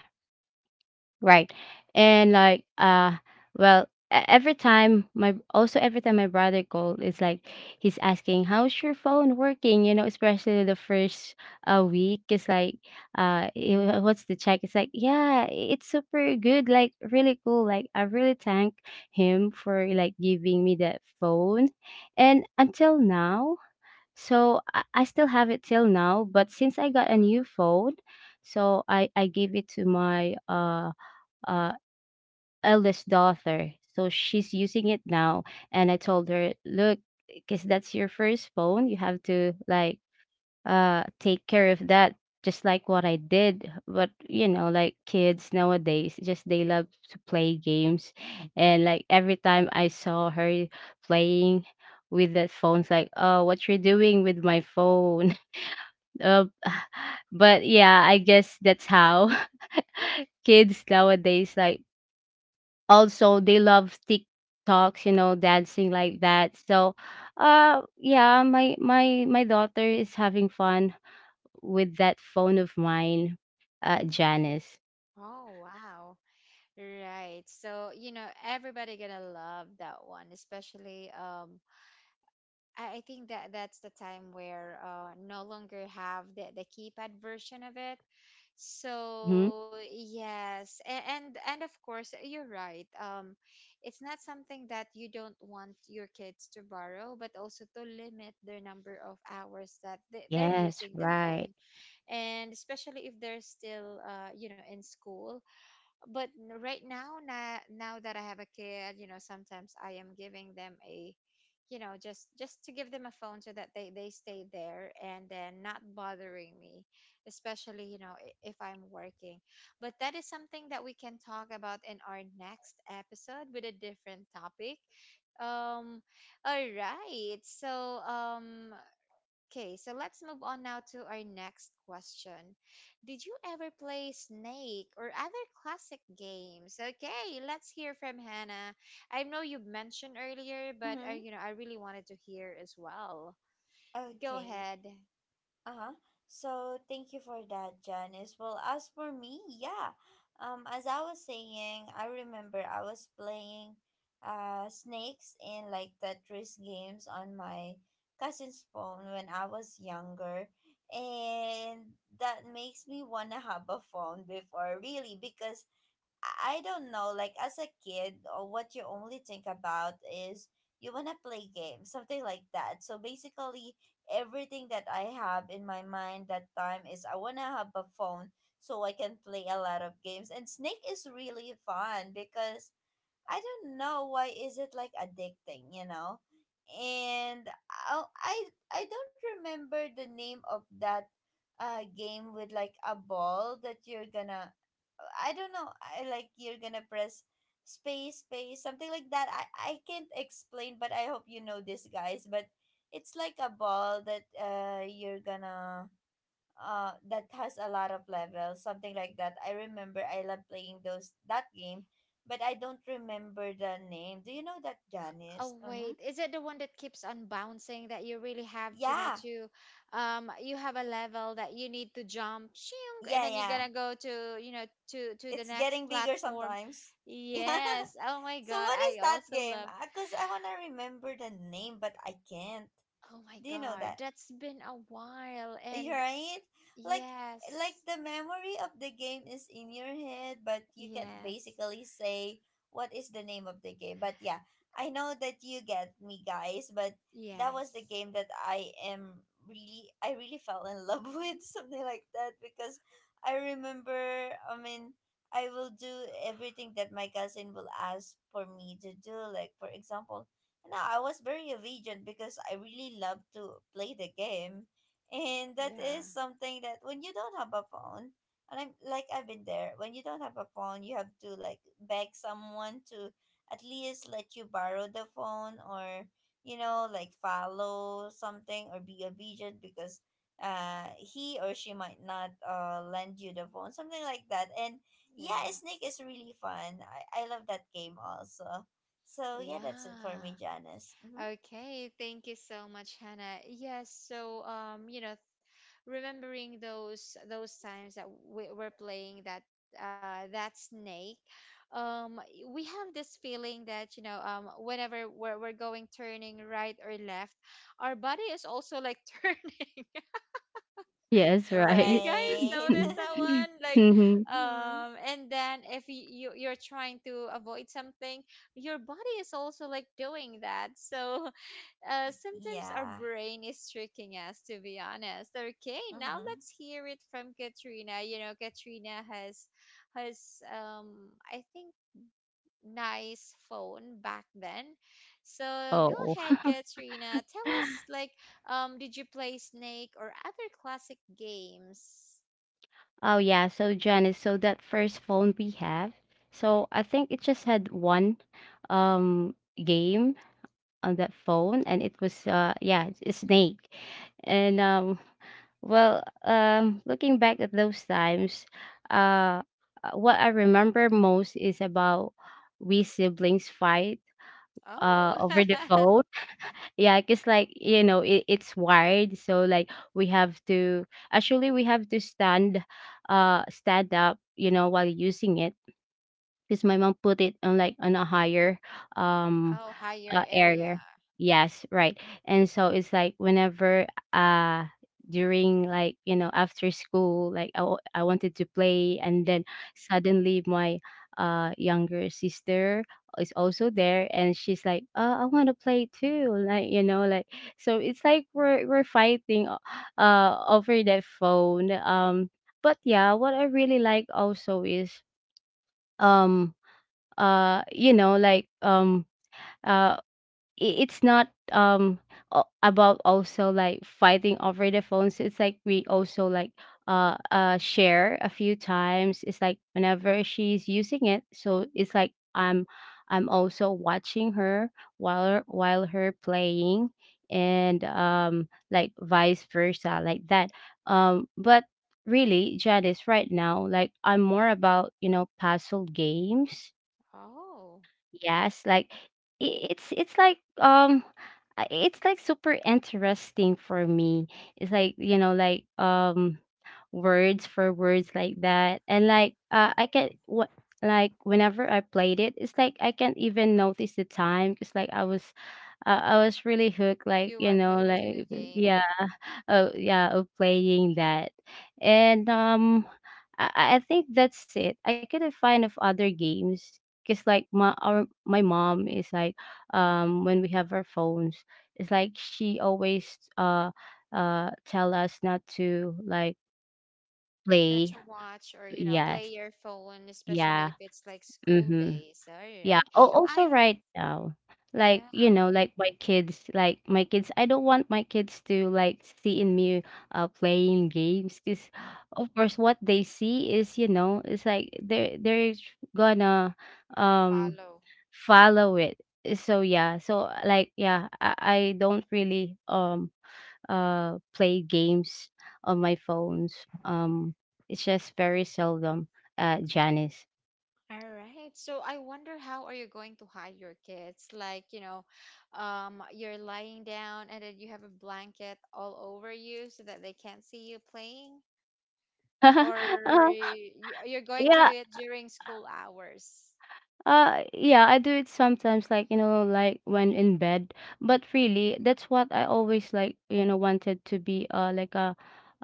C: Right. And like, well every time my brother called, it's like he's asking, how's your phone working, you know, especially the first, week, it's like, he wa- what's the check it's like, yeah, it's super good, like really cool. Like, I really thank him for, like, giving me that phone. And until now, so I still have it till now, but since I got a new phone, so I gave it to my uh, eldest daughter. So she's using it now, and I told her, look, because that's your first phone, you have to, like, take care of that. Just like what I did. But you know, like, kids nowadays, just they love to play games. And like, every time I saw her playing with that phone, it's like, oh, what you're doing with my phone? Uh, but yeah, I guess that's how kids nowadays, like, also they love TikToks, you know, dancing like that. So, yeah, my daughter is having fun with that phone of mine, Janice.
A: Oh wow. Right. So, you know, everybody gonna love that one, especially. I think that's the time where, no longer have the keypad version of it.
C: Hmm.
A: So yes, and of course you're right. It's not something that you don't want your kids to borrow, but also to limit their number of hours that they're
C: Yes,
A: using the
C: right.
A: phone, and especially if they're still, you know, in school. But right now that I have a kid, you know, sometimes I am giving them a, you know, just to give them a phone so that they stay there and then not bothering me, especially, you know, if I'm working. But that is something that we can talk about in our next episode with a different topic. um all right, so, okay, so let's move on now to our next question. Did you ever play Snake or other classic games? Okay, let's hear from Hannah. I know you mentioned earlier, but
B: Mm-hmm.
A: you know, I really wanted to hear as well. Go
B: Okay.
A: ahead.
B: Uh-huh. So thank you for that, Janice. Well, as for me, yeah. As I was saying, I remember I was playing snakes in like Tetris games on my cousin's phone when I was younger. And that makes me wanna have a phone before really because I don't know, like as a kid, or what you only think about is you want to play games, something like that. So basically, everything that I have in my mind that time is I want to have a phone so I can play a lot of games. And Snake is really fun because I don't know why is it like addicting, you know? And I I, I don't remember the name of that game with like a ball that you're gonna I don't know. I like you're gonna press space, space, something like that. I can't explain, but I hope you know this, guys. But it's like a ball that you're gonna that has a lot of levels, something like that. I remember I love playing those that game, but I don't remember the name. Do you know that Janice?
A: Oh
B: Mm-hmm.
A: wait, is it the one that keeps on bouncing that you really have to, you know,
B: Yeah,
A: to, you have a level that you need to jump, shing, and
B: yeah,
A: then you're
B: yeah.
A: gonna go to, you know, to the
B: It's
A: next
B: getting bigger
A: platform.
B: sometimes. Yeah.
A: Yes. Oh my
B: So
A: God,
B: what is
A: I
B: that
A: also
B: game?
A: love.
B: Because I wanna remember the name, but I can't.
A: Oh my
B: Do you know
A: God,
B: that?
A: that's been a while, and
B: Right? Like like
A: yes.
B: the memory of the game is in your head, but you can
A: Yes.
B: basically say what is the name of the game. But yeah, I know that you get me guys, but that was
A: Yes.
B: the game that I really fell in love with something like that because I remember I mean I will do everything that my cousin will ask for me to do. Like for example, now I was very obedient because I really love to play the game and that is
A: Yeah.
B: something that when you don't have a phone and I'm like I've been there when you don't have a phone you have to like beg someone to at least let you borrow the phone or you know like follow something or be obedient because he or she might not lend you the phone something like that. And yeah,
A: Yeah.
B: snake is really fun. I love that game also. So yeah, that's it for
A: Yeah.
B: me, Janice. Hmm.
A: Okay, thank you so much, Hannah. Yes, so, you know, remembering those times that we were playing that, that snake. um we have this feeling that, you know, whenever we're going turning right or left, our body is also like turning.
C: Yes,
A: Have you
C: right.
A: guys
B: Right.
A: noticed that one? Like,
C: Mhm.
B: Mm-hmm.
A: and then if you're trying to avoid something, your body is also like doing that. So, sometimes our
B: Yeah.
A: brain is tricking us, to be honest. Okay, now
B: Mm-hmm.
A: let's hear it from Katrina. You know, Katrina has, I think, nice phone back then. So go
C: Oh.
A: ahead, Katrina. Tell us, like, did you play Snake or other classic games?
C: Oh yeah, so Janice, so that first phone we have, so I think it just had one um game on that phone, and it was, yeah, it's a snake. And looking back at those times, uh what I remember most is about, we siblings fight
A: Oh.
C: over the phone. Yeah, because, like, you know, it, it's wired, so, like, we have to, actually we have to stand, stand up, you know, while using it, because my mom put it on, like, on a higher um
A: Oh, higher area.
C: area. Yes, right. And so it's like whenever, uh during, like, you know, after school, like I, I wanted to play, and then suddenly my younger sister is also there, and she's like, oh, I want to play too, like, you know, like. So it's like we're fighting over that phone. But yeah, what I really like also is um you know, like, uh it's not about also, like, fighting over the phones. It's like we also, like, share a few times. It's like whenever she's using it, so it's like I'm, also watching her while her playing, and, like, vice versa, like that. But really, Janice, right now, like, I'm more about, you know, puzzle games.
A: Oh,
C: Yes, like, it's like, it's like super interesting for me. It's like, you know, like, words for words, like that. And like, I can what, like, whenever I played it, it's like I can't even notice the time, because, like, I was, I was really hooked, like,
A: you
C: you
A: were
C: know,
A: hooked to the
C: like,
A: game.
C: yeah. Oh yeah, of playing that. And, I, I think that's it. I couldn't find of other games because like my our my mom is like, when we have our phones, it's like she always, tell us not to, like,
A: Not
C: play.
A: to watch or, you know, play
C: Yes.
A: your phone, especially if
C: Yeah.
A: it's like school
C: Mm-hmm.
A: days. All
C: Yeah.
A: right.
C: Oh, also
A: I
C: right now, like,
A: Yeah.
C: you know, like, my kids, like, my kids, I don't want my kids to, like, see in me playing games, because, of course, what they see is, you know, it's like they're gonna, um
A: Follow.
C: follow it. Eh, so yeah, so, like, yeah, I don't really play games on my phones. It's just very seldom, Janice.
A: All right, so I wonder how are you going to hide your kids, like, you know, you're lying down and then you have a blanket all over you so that they can't see you playing. Or
C: Uh,
A: you're going to do
C: yeah,
A: it during school hours?
C: yeah, I do it sometimes, like, you know, like when in bed, but really, that's what I always, like, you know, wanted to be, like a,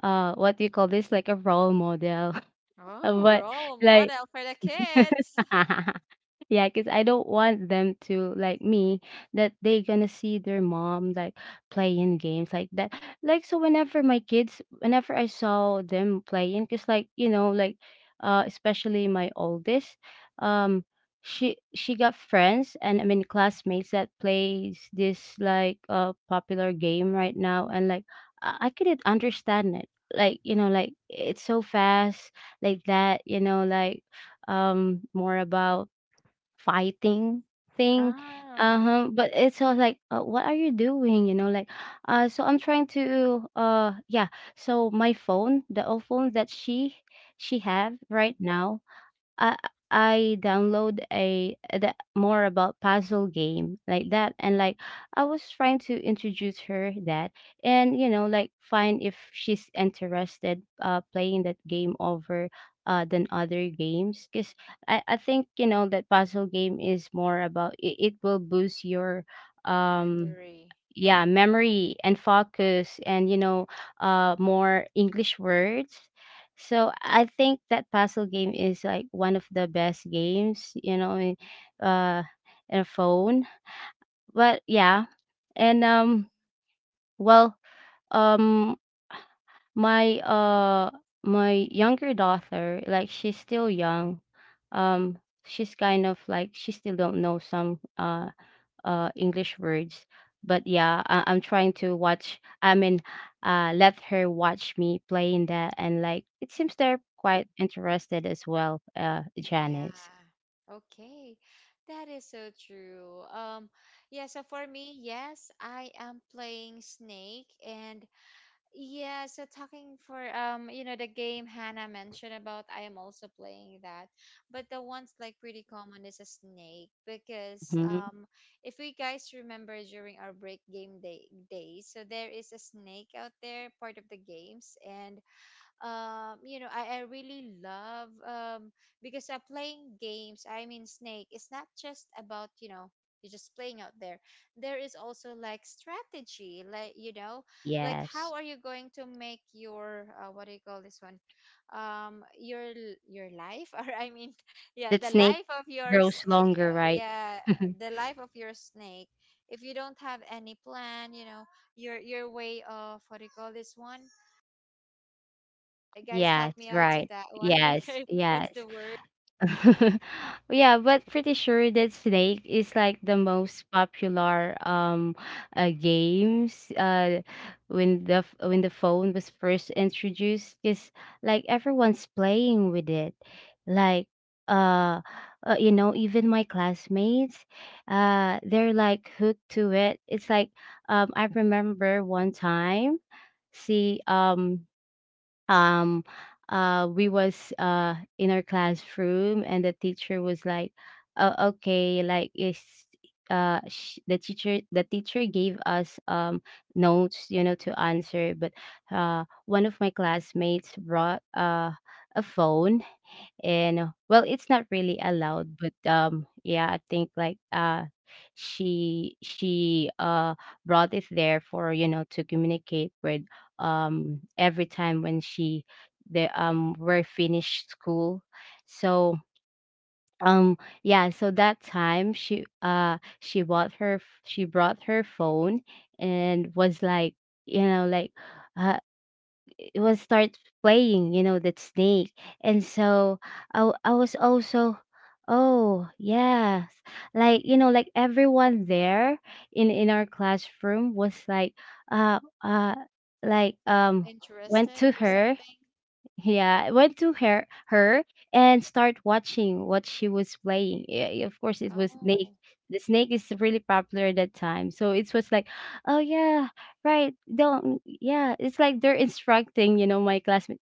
C: what do you call this, like, a role model.
A: Oh,
C: But
A: role
C: like
A: model for the kids.
C: yeah, because I don't want them to, like, me that they gonna see their mom like playing games like that. Like, so, whenever my kids, whenever I saw them playing, because like you know, like, especially my oldest, um, she got friends and I mean classmates that plays this like, popular game right now, and like, I, couldn't understand it. Like, you know, like it's so fast, like that. You know, like, more about fighting thing.
A: Oh,
C: Uh-huh, but it's all like, what are you doing, you know, like, so I'm trying to, yeah, so my phone, the old phone that she have right now, I, download a the, more about puzzle game, like that, and like, I was trying to introduce her that, and, you know, like, find if she's interested playing that game over, than other games, because I, think, you know, that puzzle game is more about, it, will boost your, um
A: memory.
C: yeah, memory and focus, and you know, more English words. So I think that puzzle game is like one of the best games, you know, uh in a phone. But yeah, and, well um my, my younger daughter, like, she's still young. um she's kind of like she still don't know some, English words. But yeah, I- I'm trying to watch. I mean, let her watch me playing that, and like it seems they're quite interested as well. Janice.
A: Yeah. Okay. That is so true. Yeah, so for me, yes, I am playing Snake. And yeah, so talking for, you know, the game Hannah mentioned about, I am also playing that. But the ones like pretty common is a Snake, because,
C: Hmm.
A: if we guys remember during our break game day days, so there is a Snake out there, part of the games. And, you know, I really love. Because, playing games, I mean Snake, it's not just about, you know, you're just playing out there. There is also like strategy. Like, you know, like
C: Yes,
A: how are you going to make your, what do you call this one, your your life, or I mean, yeah,
C: that
A: the
C: snake
A: life of your
C: grows longer, right?
A: yeah, the life of your snake. If you don't have any plan, you know, your way of, what do you call this one? All right, guys, help
C: Yes,
A: me out to
C: right.
A: that one.
C: Yes,
A: Okay, what's
C: yes.
A: the word?
C: Yeah, but pretty sure that Snake is like the most popular, games, when the when the phone was first introduced, because, like, everyone's playing with it. Like, uh, you know, even my classmates, they're like hooked to it. It's like, I remember one time, see, um we was in our classroom, and the teacher was like, oh, okay, like, is the teacher, gave us notes, you know, to answer. But one of my classmates brought a phone, and, well, it's not really allowed, but, yeah, I think like, she brought it there for, you know, to communicate with, every time when she, the were finished school. So, um yeah, so that time she bought her she brought her phone, and was like, you know, like, uh, was start playing, you know, that snake. And so I, I was also, oh yes, like, you know, like everyone there in our classroom was like, uh uh like, went
A: Interested
C: to
A: or
C: her,
A: something?
C: yeah, I went to her, and start watching what she was playing. Yeah, yeah, of course, it was
A: Oh.
C: snake. The snake is really popular at that time, so it was like, oh yeah, right. Don't, yeah. It's like they're instructing, you know, my classmate.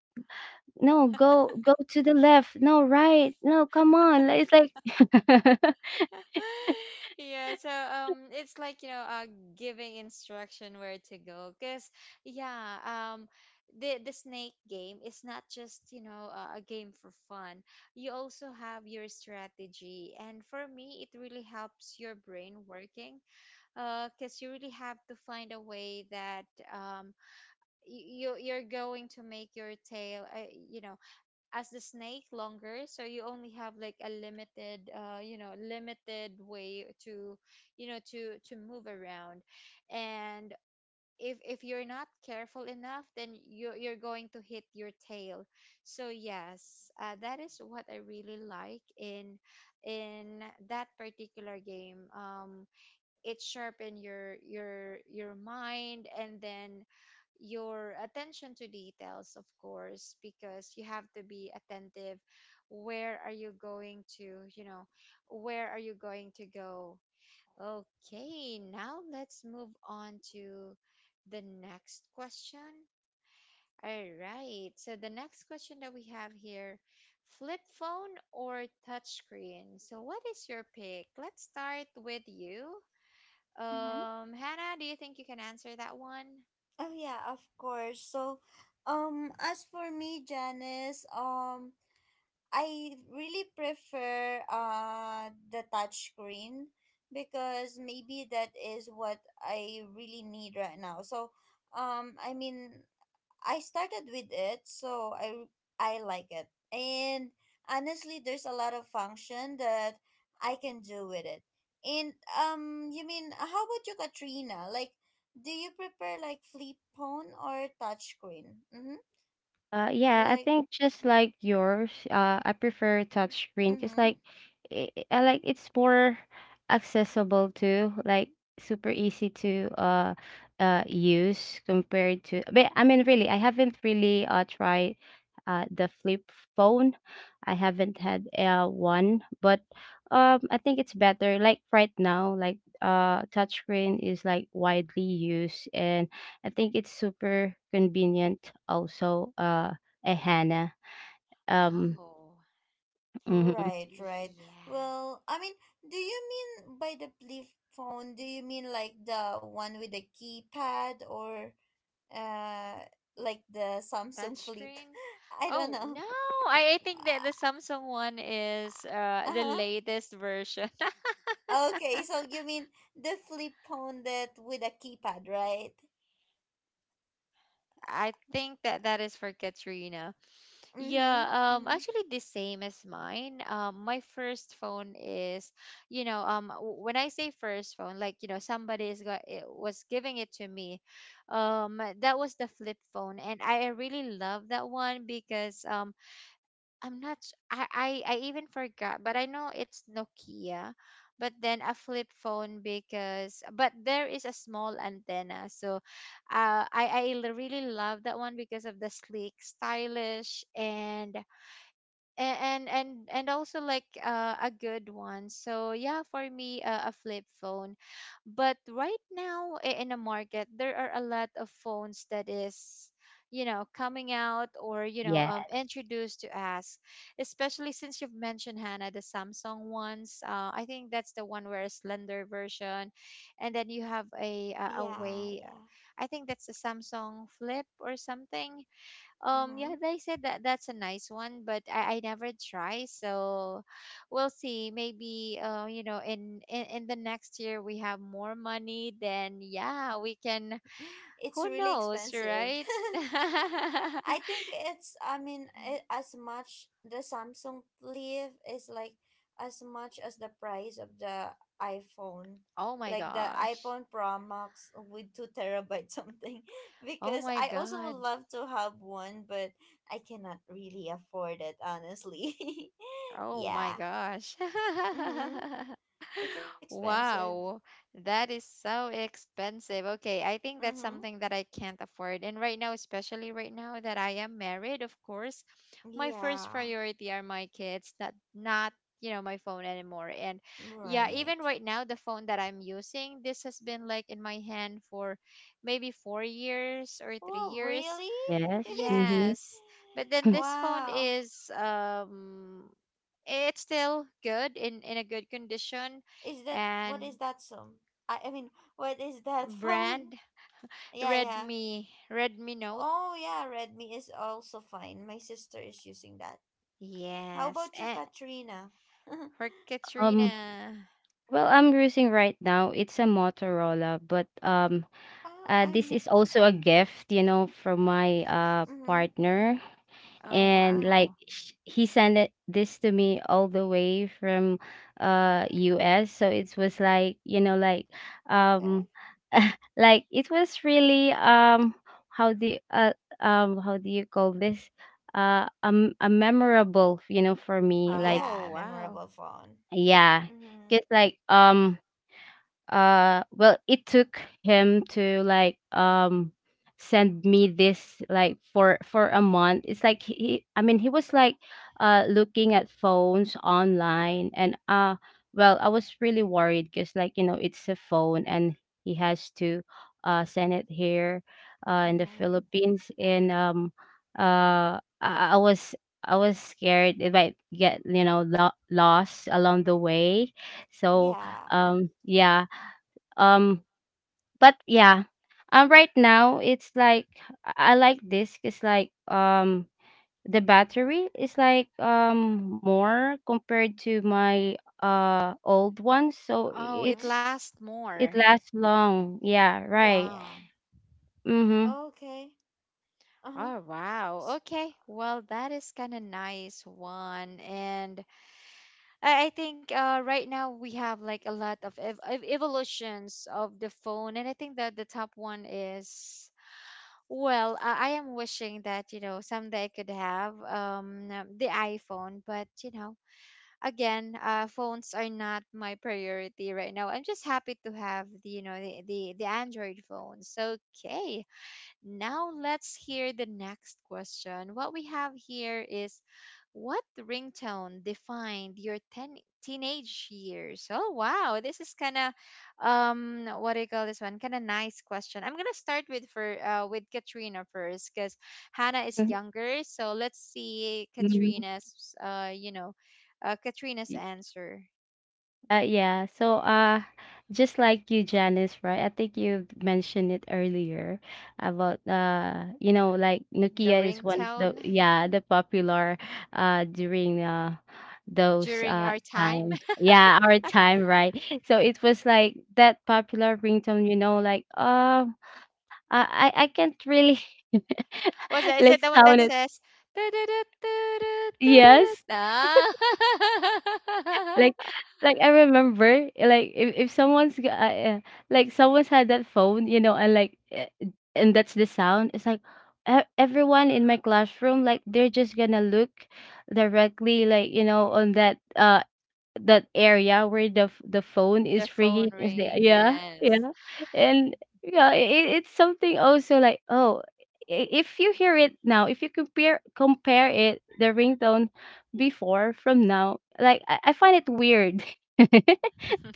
C: No, go go to the left. No, right. No, come on. Like, it's like
A: Yeah, so, it's like, you know, giving instruction where to go, 'cause yeah, the snake game is not just, you know, a game for fun. You also have your strategy. And for me, it really helps your brain working, 'cause you really have to find a way that, you're going to make your tail, you know, as the snake longer, so you only have like a limited, you know, limited way to, you know, to move around. And if you're not careful enough, then you're going to hit your tail. So yes, that is what I really like in in that particular game. It sharpen your mind, and then your attention to details, of course, because you have to be attentive where are you going to, you know, where are you going to go. Okay, now let's move on to the next question. All right, so the next question that we have here: flip phone or touchscreen? So what is your pick? Let's start with you,
B: Mm-hmm.
A: Hannah. Do you think you can answer that one?
B: Oh yeah, of course. So, as for me, Janice, I really prefer the touch screen because maybe that is what I really need right now. So, I mean, I started with it, so I like it. And honestly, there's a lot of function that I can do with it. And you mean how about you, Katrina? Like, do you prefer like flip phone or touchscreen? Screen? Mm-hmm.
C: Yeah, I
B: Like,
C: think just like yours, I prefer touchscreen because,
B: mm-hmm.
C: like, I like, it's more accessible too, like super easy to, use compared to. But I mean, really, I haven't really, tried the flip phone. I haven't had, one, but, I think it's better. Like, right now, like, touchscreen is like widely used, and I think it's super convenient also, eh, Hannah. Um
A: Oh.
C: hmm,
B: Right, right.
A: Yeah.
B: Well, I mean, do you mean by the flip phone? Do you mean like the one with the keypad or uh like the Samsung Flip?
A: Touchscreen?
B: I don't
A: Oh,
B: know.
A: no. I think that the Samsung one is the
B: Uh-huh.
A: latest version.
B: Okay, so you mean the flip phone that with a keypad, right?
A: I think that that is for Katrina. Yeah,
B: Mm-hmm. Mm-hmm.
A: actually the same as mine. My first phone is, you know, when I say first phone, like, you know, somebody is got it was giving it to me. That was the flip phone, and I really love that one because, I'm not, s- I even forgot, but I know it's Nokia, but then a flip phone because, but there is a small antenna, so, really love that one because of the sleek, stylish, and and also like, a good one. So yeah, for me, a flip phone. But right now, in the market there are a lot of phones that is, you know, coming out, or, you know,
C: yeah,
A: introduced to us, especially since you've mentioned, Hannah, the Samsung ones. I think that's the one where a slender version, and then you have a
B: Yeah,
A: way.
B: yeah.
A: I think that's the Samsung Flip or something. Yeah,
B: Mm-hmm.
A: they said that that's a nice one, but I never try, so we'll see. Maybe, you know, in the next year we have more money, then yeah, we can.
B: It's
A: Who
B: really
A: knows,
B: expensive.
A: right?
B: I think it's, I mean, it as much the Samsung Flip is like as much as the price of the iPhone.
A: Oh my
B: Like the
A: gosh.
B: iPhone Pro Max with 2 terabyte something.
A: Oh
B: Because
A: my
B: I also would
A: God.
B: love to have one, but I cannot really afford it, honestly.
A: Oh my
B: Yeah.
A: gosh.
B: Mm-hmm. It's expensive.
A: Wow, that is so expensive. Okay, I think that's
B: Mm-hmm.
A: something that I can't afford. And right now, especially right now that I am married, of course, my first
B: Yeah.
A: priority are my kids, not not, you know, my phone anymore. And yeah, even
B: Right.
A: right now, the phone that I'm using, this has been like in my hand for maybe 4 years or three
B: Wow,
A: years.
B: really?
C: yes. Mm-hmm.
A: Yes, but then this phone
B: Wow.
A: is, it's still good in a good condition,
B: Is that what
A: and
B: is that sum? I mean, what is that phone?
A: brand
B: Yeah, yeah.
A: Redmi Note.
B: Oh, yeah, Redmi is also fine. My sister is using that. How
A: Yes.
B: about you,
A: Eh,
B: Katrina?
A: for
C: Um,
A: Katrina.
C: well, I'm using right now, it's a Motorola, but,
B: I'm
C: this
B: not.
C: is also a gift, you know, from my,
B: Mm-hmm.
C: partner.
A: Oh
C: And like,
A: wow.
C: he sent it, this to me all the way from, US, so it was like, you know, like,
B: Okay.
C: um like it was really, how do you, uh, how do you call this, a memorable, you know, for me, like,
B: Yeah,
A: Oh wow.
B: memorable phone.
C: yeah,
B: Mm-hmm.
C: cuz like, well, it took him to, like, send me this, like, for a month. It's like he, I mean, he was like, looking at phones online, and, well, I was really worried because, like, you know, it's a phone, and he has to, send it here, in the
B: Mm-hmm.
C: Philippines, and, I was, I was scared it might get, you know, lost along the way. So,
B: Yeah.
C: yeah, um but yeah, right now it's like, I, like this, it's like, the battery is like, more compared to my, old one, so
A: Oh, it
B: Mm-hmm.
C: it's,
A: lasts
C: it
A: more.
C: lasts long, yeah,
B: Yeah,
C: right.
B: yeah.
A: Oh.
C: Mm-hmm,
B: Okay. Uh-huh.
A: Oh wow.
B: S-
A: Okay. Well, that is kind of nice one. And I think, right now we have like a lot of evolutions of the phone, and I think that the top one is, well, I am wishing that, you know, someday I could have, the iPhone, but, you know, again, phones are not my priority right now. I'm just happy to have the, you know, the Android phones. Okay, now let's hear the next question. What we have here is: what ringtone defined your teenage years? Oh wow, this is kind of what do you call this one? Kind of nice question. I'm gonna start with Katrina first because Hannah is
C: mm-hmm.
A: younger, so let's see
C: Mm-hmm.
A: Katrina's you know Katrina's answer.
C: Yeah. So, just like you, Janice, right? I think you mentioned it earlier about you know, like
A: The
C: Nokia is one of the
A: ringtone
C: popular during those
A: during our time.
C: time, yeah, our time, right. So it was like that popular ringtone, you know, like I can't really
A: What's that? Is it
C: like
A: the one that
C: sound it.
A: says
C: Yes.
A: Ah.
C: Like like I remember, like if like someone's had that phone, you know, and and that's the sound. It's like everyone in my classroom, like they're just gonna look directly, like, you know, on that area where the phone
A: the
C: is
A: phone
C: ringing is there,
A: ringing?
C: yeah,
A: Yes.
C: yeah. And yeah, it's something also like, oh, if you hear it now, if you compare it, the ringtone before from now, like I find it weird.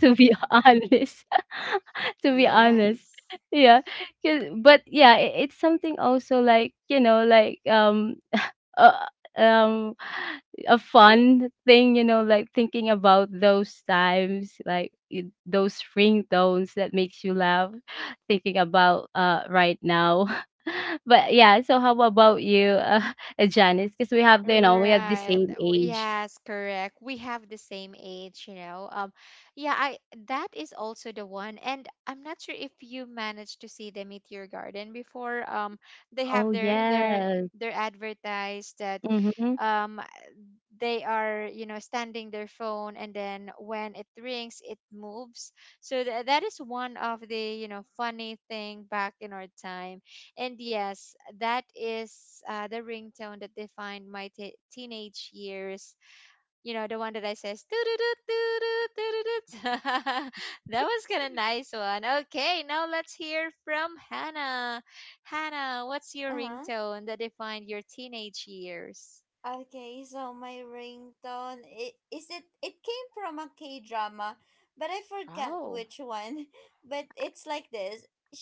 C: To be honest. To be honest.
A: Yes.
C: Yeah. 'Cause but yeah, it's something also like, you know, like, uh, um, a fun thing, you know, like thinking about those times, like those ringtones that makes you laugh, thinking about right now. But yeah, so how about you, Janice? Because we have, you know, we have the
A: Right.
C: same age.
A: Yes, correct. We have the same age, you know. Yeah, I that is also the one. And I'm not sure if you managed to see the Meteor Garden before. They
C: Oh
A: have their their
C: yes.
A: their advertised that
C: Mm-hmm.
A: um they are standing their phone, and then when it rings it moves, so that is one of the funny thing back in our time. And yes, that is the ringtone that defined my teenage years. The one that I says, "Doo-doo-doo, doo-doo, doo-doo-doo." That was kind of nice one. Okay, now let's hear from Hannah. Hannah, what's your
B: Uh-huh.
A: ringtone that defined your teenage years?
B: Okay, so my ringtone it is it came from a K drama, but I forgot
A: Oh.
B: which one. But it's like this.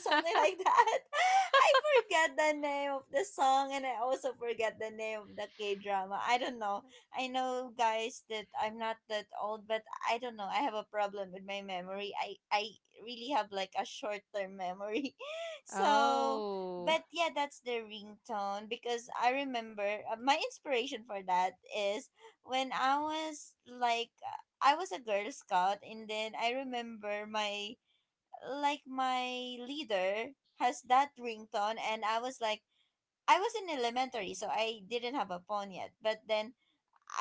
B: Something like that. I forgot the name of the song and I also forgot the name of the K drama. I don't know. I know guys that I'm not that old, but I don't know. I have a problem with my memory. I really have like a short term memory. So
A: Oh,
B: but yeah, that's the ringtone because I remember my inspiration for that is when I was like I was a Girl Scout, and then I remember my like my leader has that ringtone, and I was like I was in elementary, so I didn't have a phone yet, but then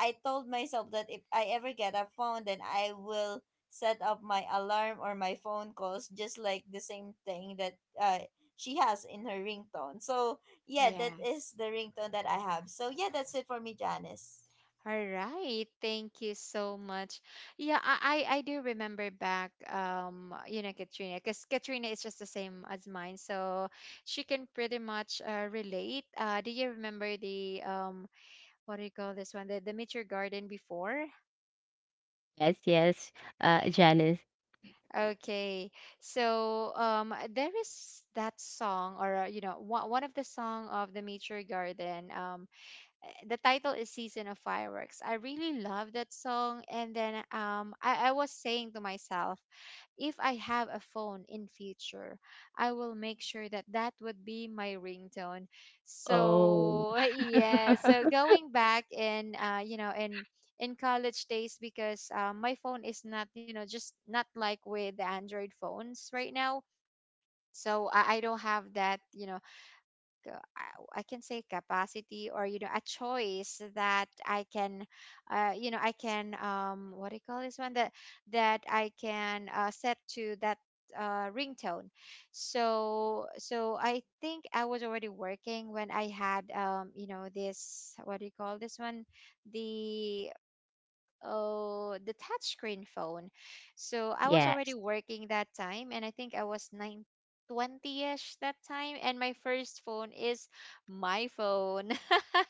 B: I told myself that if I ever get a phone, then I will set up my alarm or my phone calls just like the same thing that she has in her ringtone. So, yeah, that is
A: yes.
B: the ringtone that I have. So, yeah, that's it for me, Janice.
A: All right. Thank you so much. Yeah, I do remember back Katrina, because Katrina is just the same as mine, so she can pretty much relate. Do you remember the what do you call this one? The Meteor Garden before?
C: Yes, yes. Janice.
A: Okay. So there is that song, or one of the song of the Meteor Garden, the title is Season of Fireworks. I really love that song. And then I was saying to myself, if I have a phone in future, I will make sure that that would be my ringtone.
C: Oh,
A: So yeah, so going back in in college days, because my phone is not, just not like with the Android phones right now. So I don't have that, I I can say, capacity, or a choice that I can, what do you call this one, that that I can set to that ringtone. So I think I was already working when I had this, what do you call this one, the, oh, the touchscreen phone. So I was already
C: yes.
A: working that time, and I think I was 9 ish that time, and my first phone is my phone.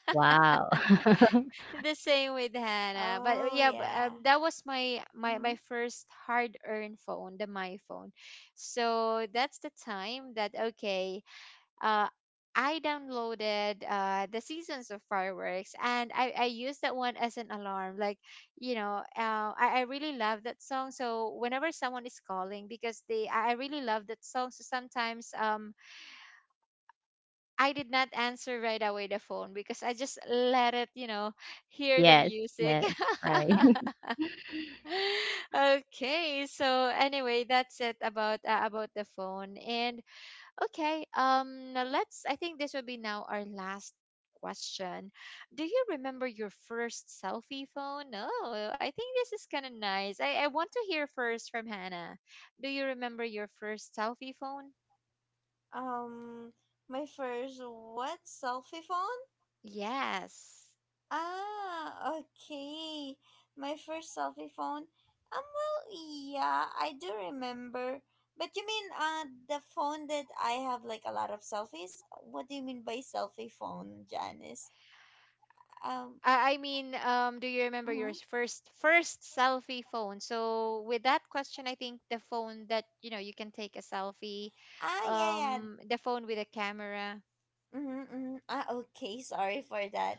C: Wow.
A: The same with Hannah, but
B: Oh,
A: yeah, but,
B: yeah.
A: um, that was my my
B: Hmm.
A: my first hard earned phone, the my phone. So that's the time that, okay, uh, I downloaded the Seasons of Fireworks, and I use that one as an alarm. Like, I really love that song. So whenever someone is calling, because they, I really love that song. So sometimes I did not answer right away the phone, because I just let it, hear the
C: Yes,
A: music.
C: yes, right.
A: Okay. So anyway, that's it about, about the phone. And okay, now let's, I think this will be now our last question. Do you remember your first selfie phone? Oh, I think this is kind of nice. I want to hear first from Hannah. Do you remember your first selfie phone?
B: Um, my first, what selfie phone?
A: Yes.
B: Ah, okay. My first selfie phone. Well, yeah, I do remember. But you mean the phone that I have like a lot of selfies? What do you mean by selfie phone, Janice?
A: I
B: Um,
A: mean, do you remember your
B: mm-hmm.
A: first selfie phone? So with that question, I think the phone that, you can take a selfie,
B: Ah, yeah, yeah.
A: the phone with a camera.
B: Mm-hmm, mm-hmm. Ah, okay. Sorry for that.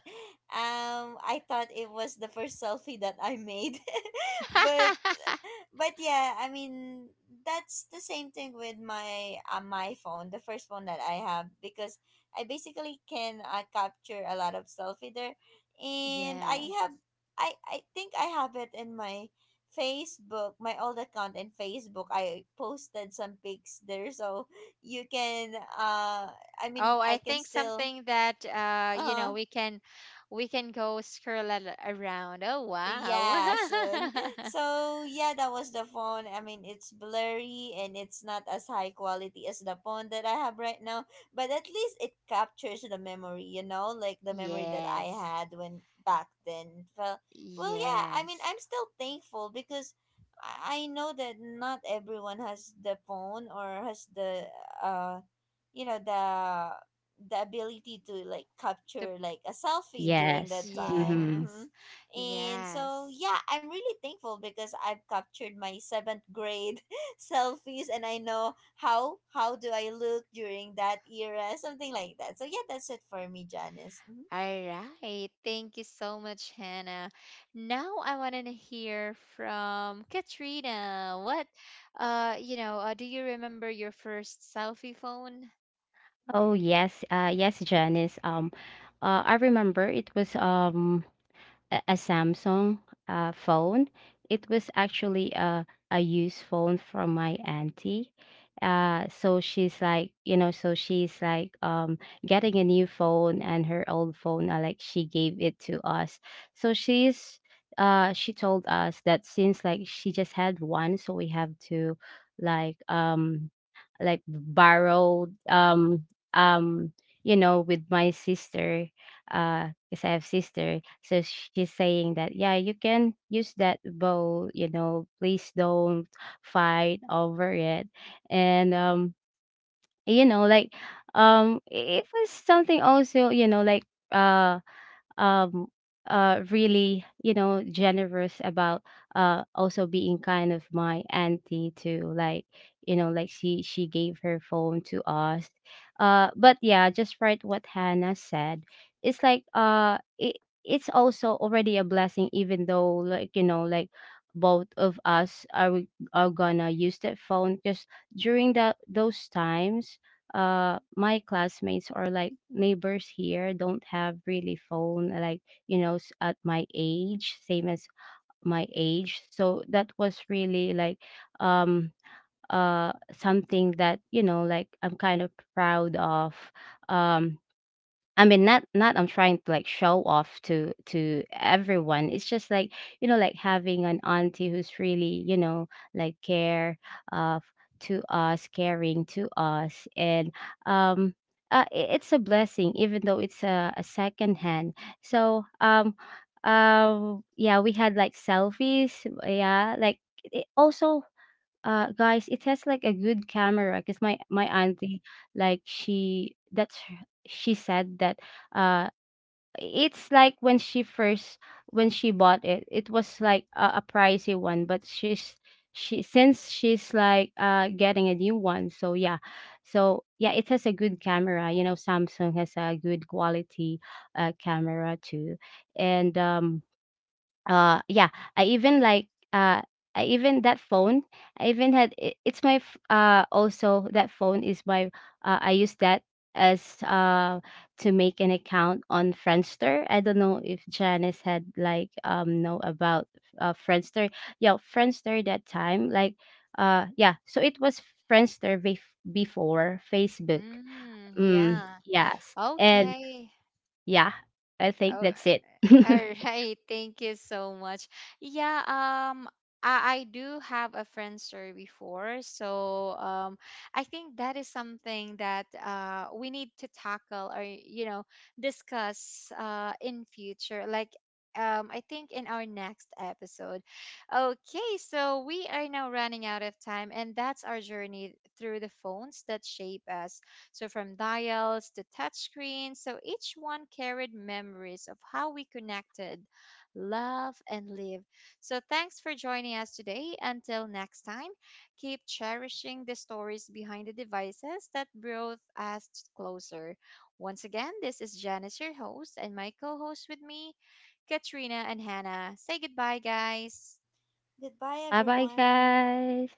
B: I thought it was the first selfie that I made, but but yeah, I mean that's the same thing with my my phone, the first phone that I have, because I basically can capture a lot of selfie there, and I
A: Yeah.
B: have I think I have it in my Facebook, my old account in Facebook. I posted some pics there, so you can I mean
A: Oh, I
B: I can
A: think
B: still
A: something that
B: uh
A: we can go scroll around. Oh, wow.
B: Yeah, soon. So yeah, that was the phone. I mean, it's blurry and it's not as high quality as the phone that I have right now, but at least it captures the memory, you know, like the memory that I
A: Yes.
B: had when back then. Well, well, yeah. I mean,
A: Yes.
B: I'm still thankful because I know that not everyone has the phone or has the uh, you know, the ability to like
A: The
B: capture like a selfie during that
C: Yes.
B: time.
C: Mm-hmm.
B: Mm-hmm.
A: yes.
B: And so,
A: Yes.
B: yeah, I'm really thankful because I've captured my seventh grade selfies and I know how do I look during that era, something like that. So yeah, that's it for me, Janice. Hmm.
A: All right. Thank you so much, Hannah. Now I want to hear from Katrina. Do you remember your first selfie phone?
C: Oh, yes. Yes, Janice. I remember it was a Samsung phone. It was actually a used phone from my auntie. So she's like, you know, so she's like, getting a new phone, and her old phone, like she gave it to us. So she told us that since like she just had one, so we have to, like, um, like borrow, um, you know, with my sister. Because I have sister. So she's saying that yeah, you can use that bow. You know, please don't fight over it. And you know, it was something also. You know, like uh um really, you know, generous about also being kind of my auntie too, like, you know, like she gave her phone to us. Uh, but yeah, just right what Hannah said, it's like it's also already a blessing even though, like, you know, like both of us are gonna use that phone. Because during that those times, my classmates or like neighbors here don't have really phone, like, you know, at my age, same as my age. So that was really like, um something that, you know, like I'm kind of proud of. Um, I mean, not I'm trying to like show off to everyone. It's just like, you know, like having an auntie who's really, you know, like care of to us, caring to us, and, um, it's a blessing, even though it's a second hand. So, yeah, we had like selfies, yeah, like it also, guys, it has like a good camera because my auntie, like she she said that uh it's like when she first, when she bought it, it was like a pricey one, but she, since she's like getting a new one. So yeah, so yeah, it has a good camera. You know, Samsung has a good quality camera too. And yeah, I even like uh, I even that phone. I even had I- it's my f- also that phone is my, I use that as to make an account on Friendster. I don't know if Janice had like know about Friendster. Yeah, Friendster that time, like, yeah. So it was Friendster bef- before Facebook.
A: Mm,
C: Mm,
A: yeah.
C: yes, and
A: Okay.
C: yeah, I think
A: Oh,
C: that's it.
A: all right. Thank you so much. Yeah, I do have a friend story before, so I think that is something that we need to tackle or discuss in future. Like, I think in our next episode. Okay, so we are now running out of time, and that's our journey through the phones that shape us. So from dials to touchscreens, so each one carried memories of how we connected, love, and live. So thanks for joining us today. Until next time, keep cherishing the stories behind the devices that brought us closer. Once again, this is Janice, your host, and my co host with me, Katrina and Hannah. Say goodbye, guys.
B: Goodbye,
C: Bye bye,
B: everyone.
C: guys.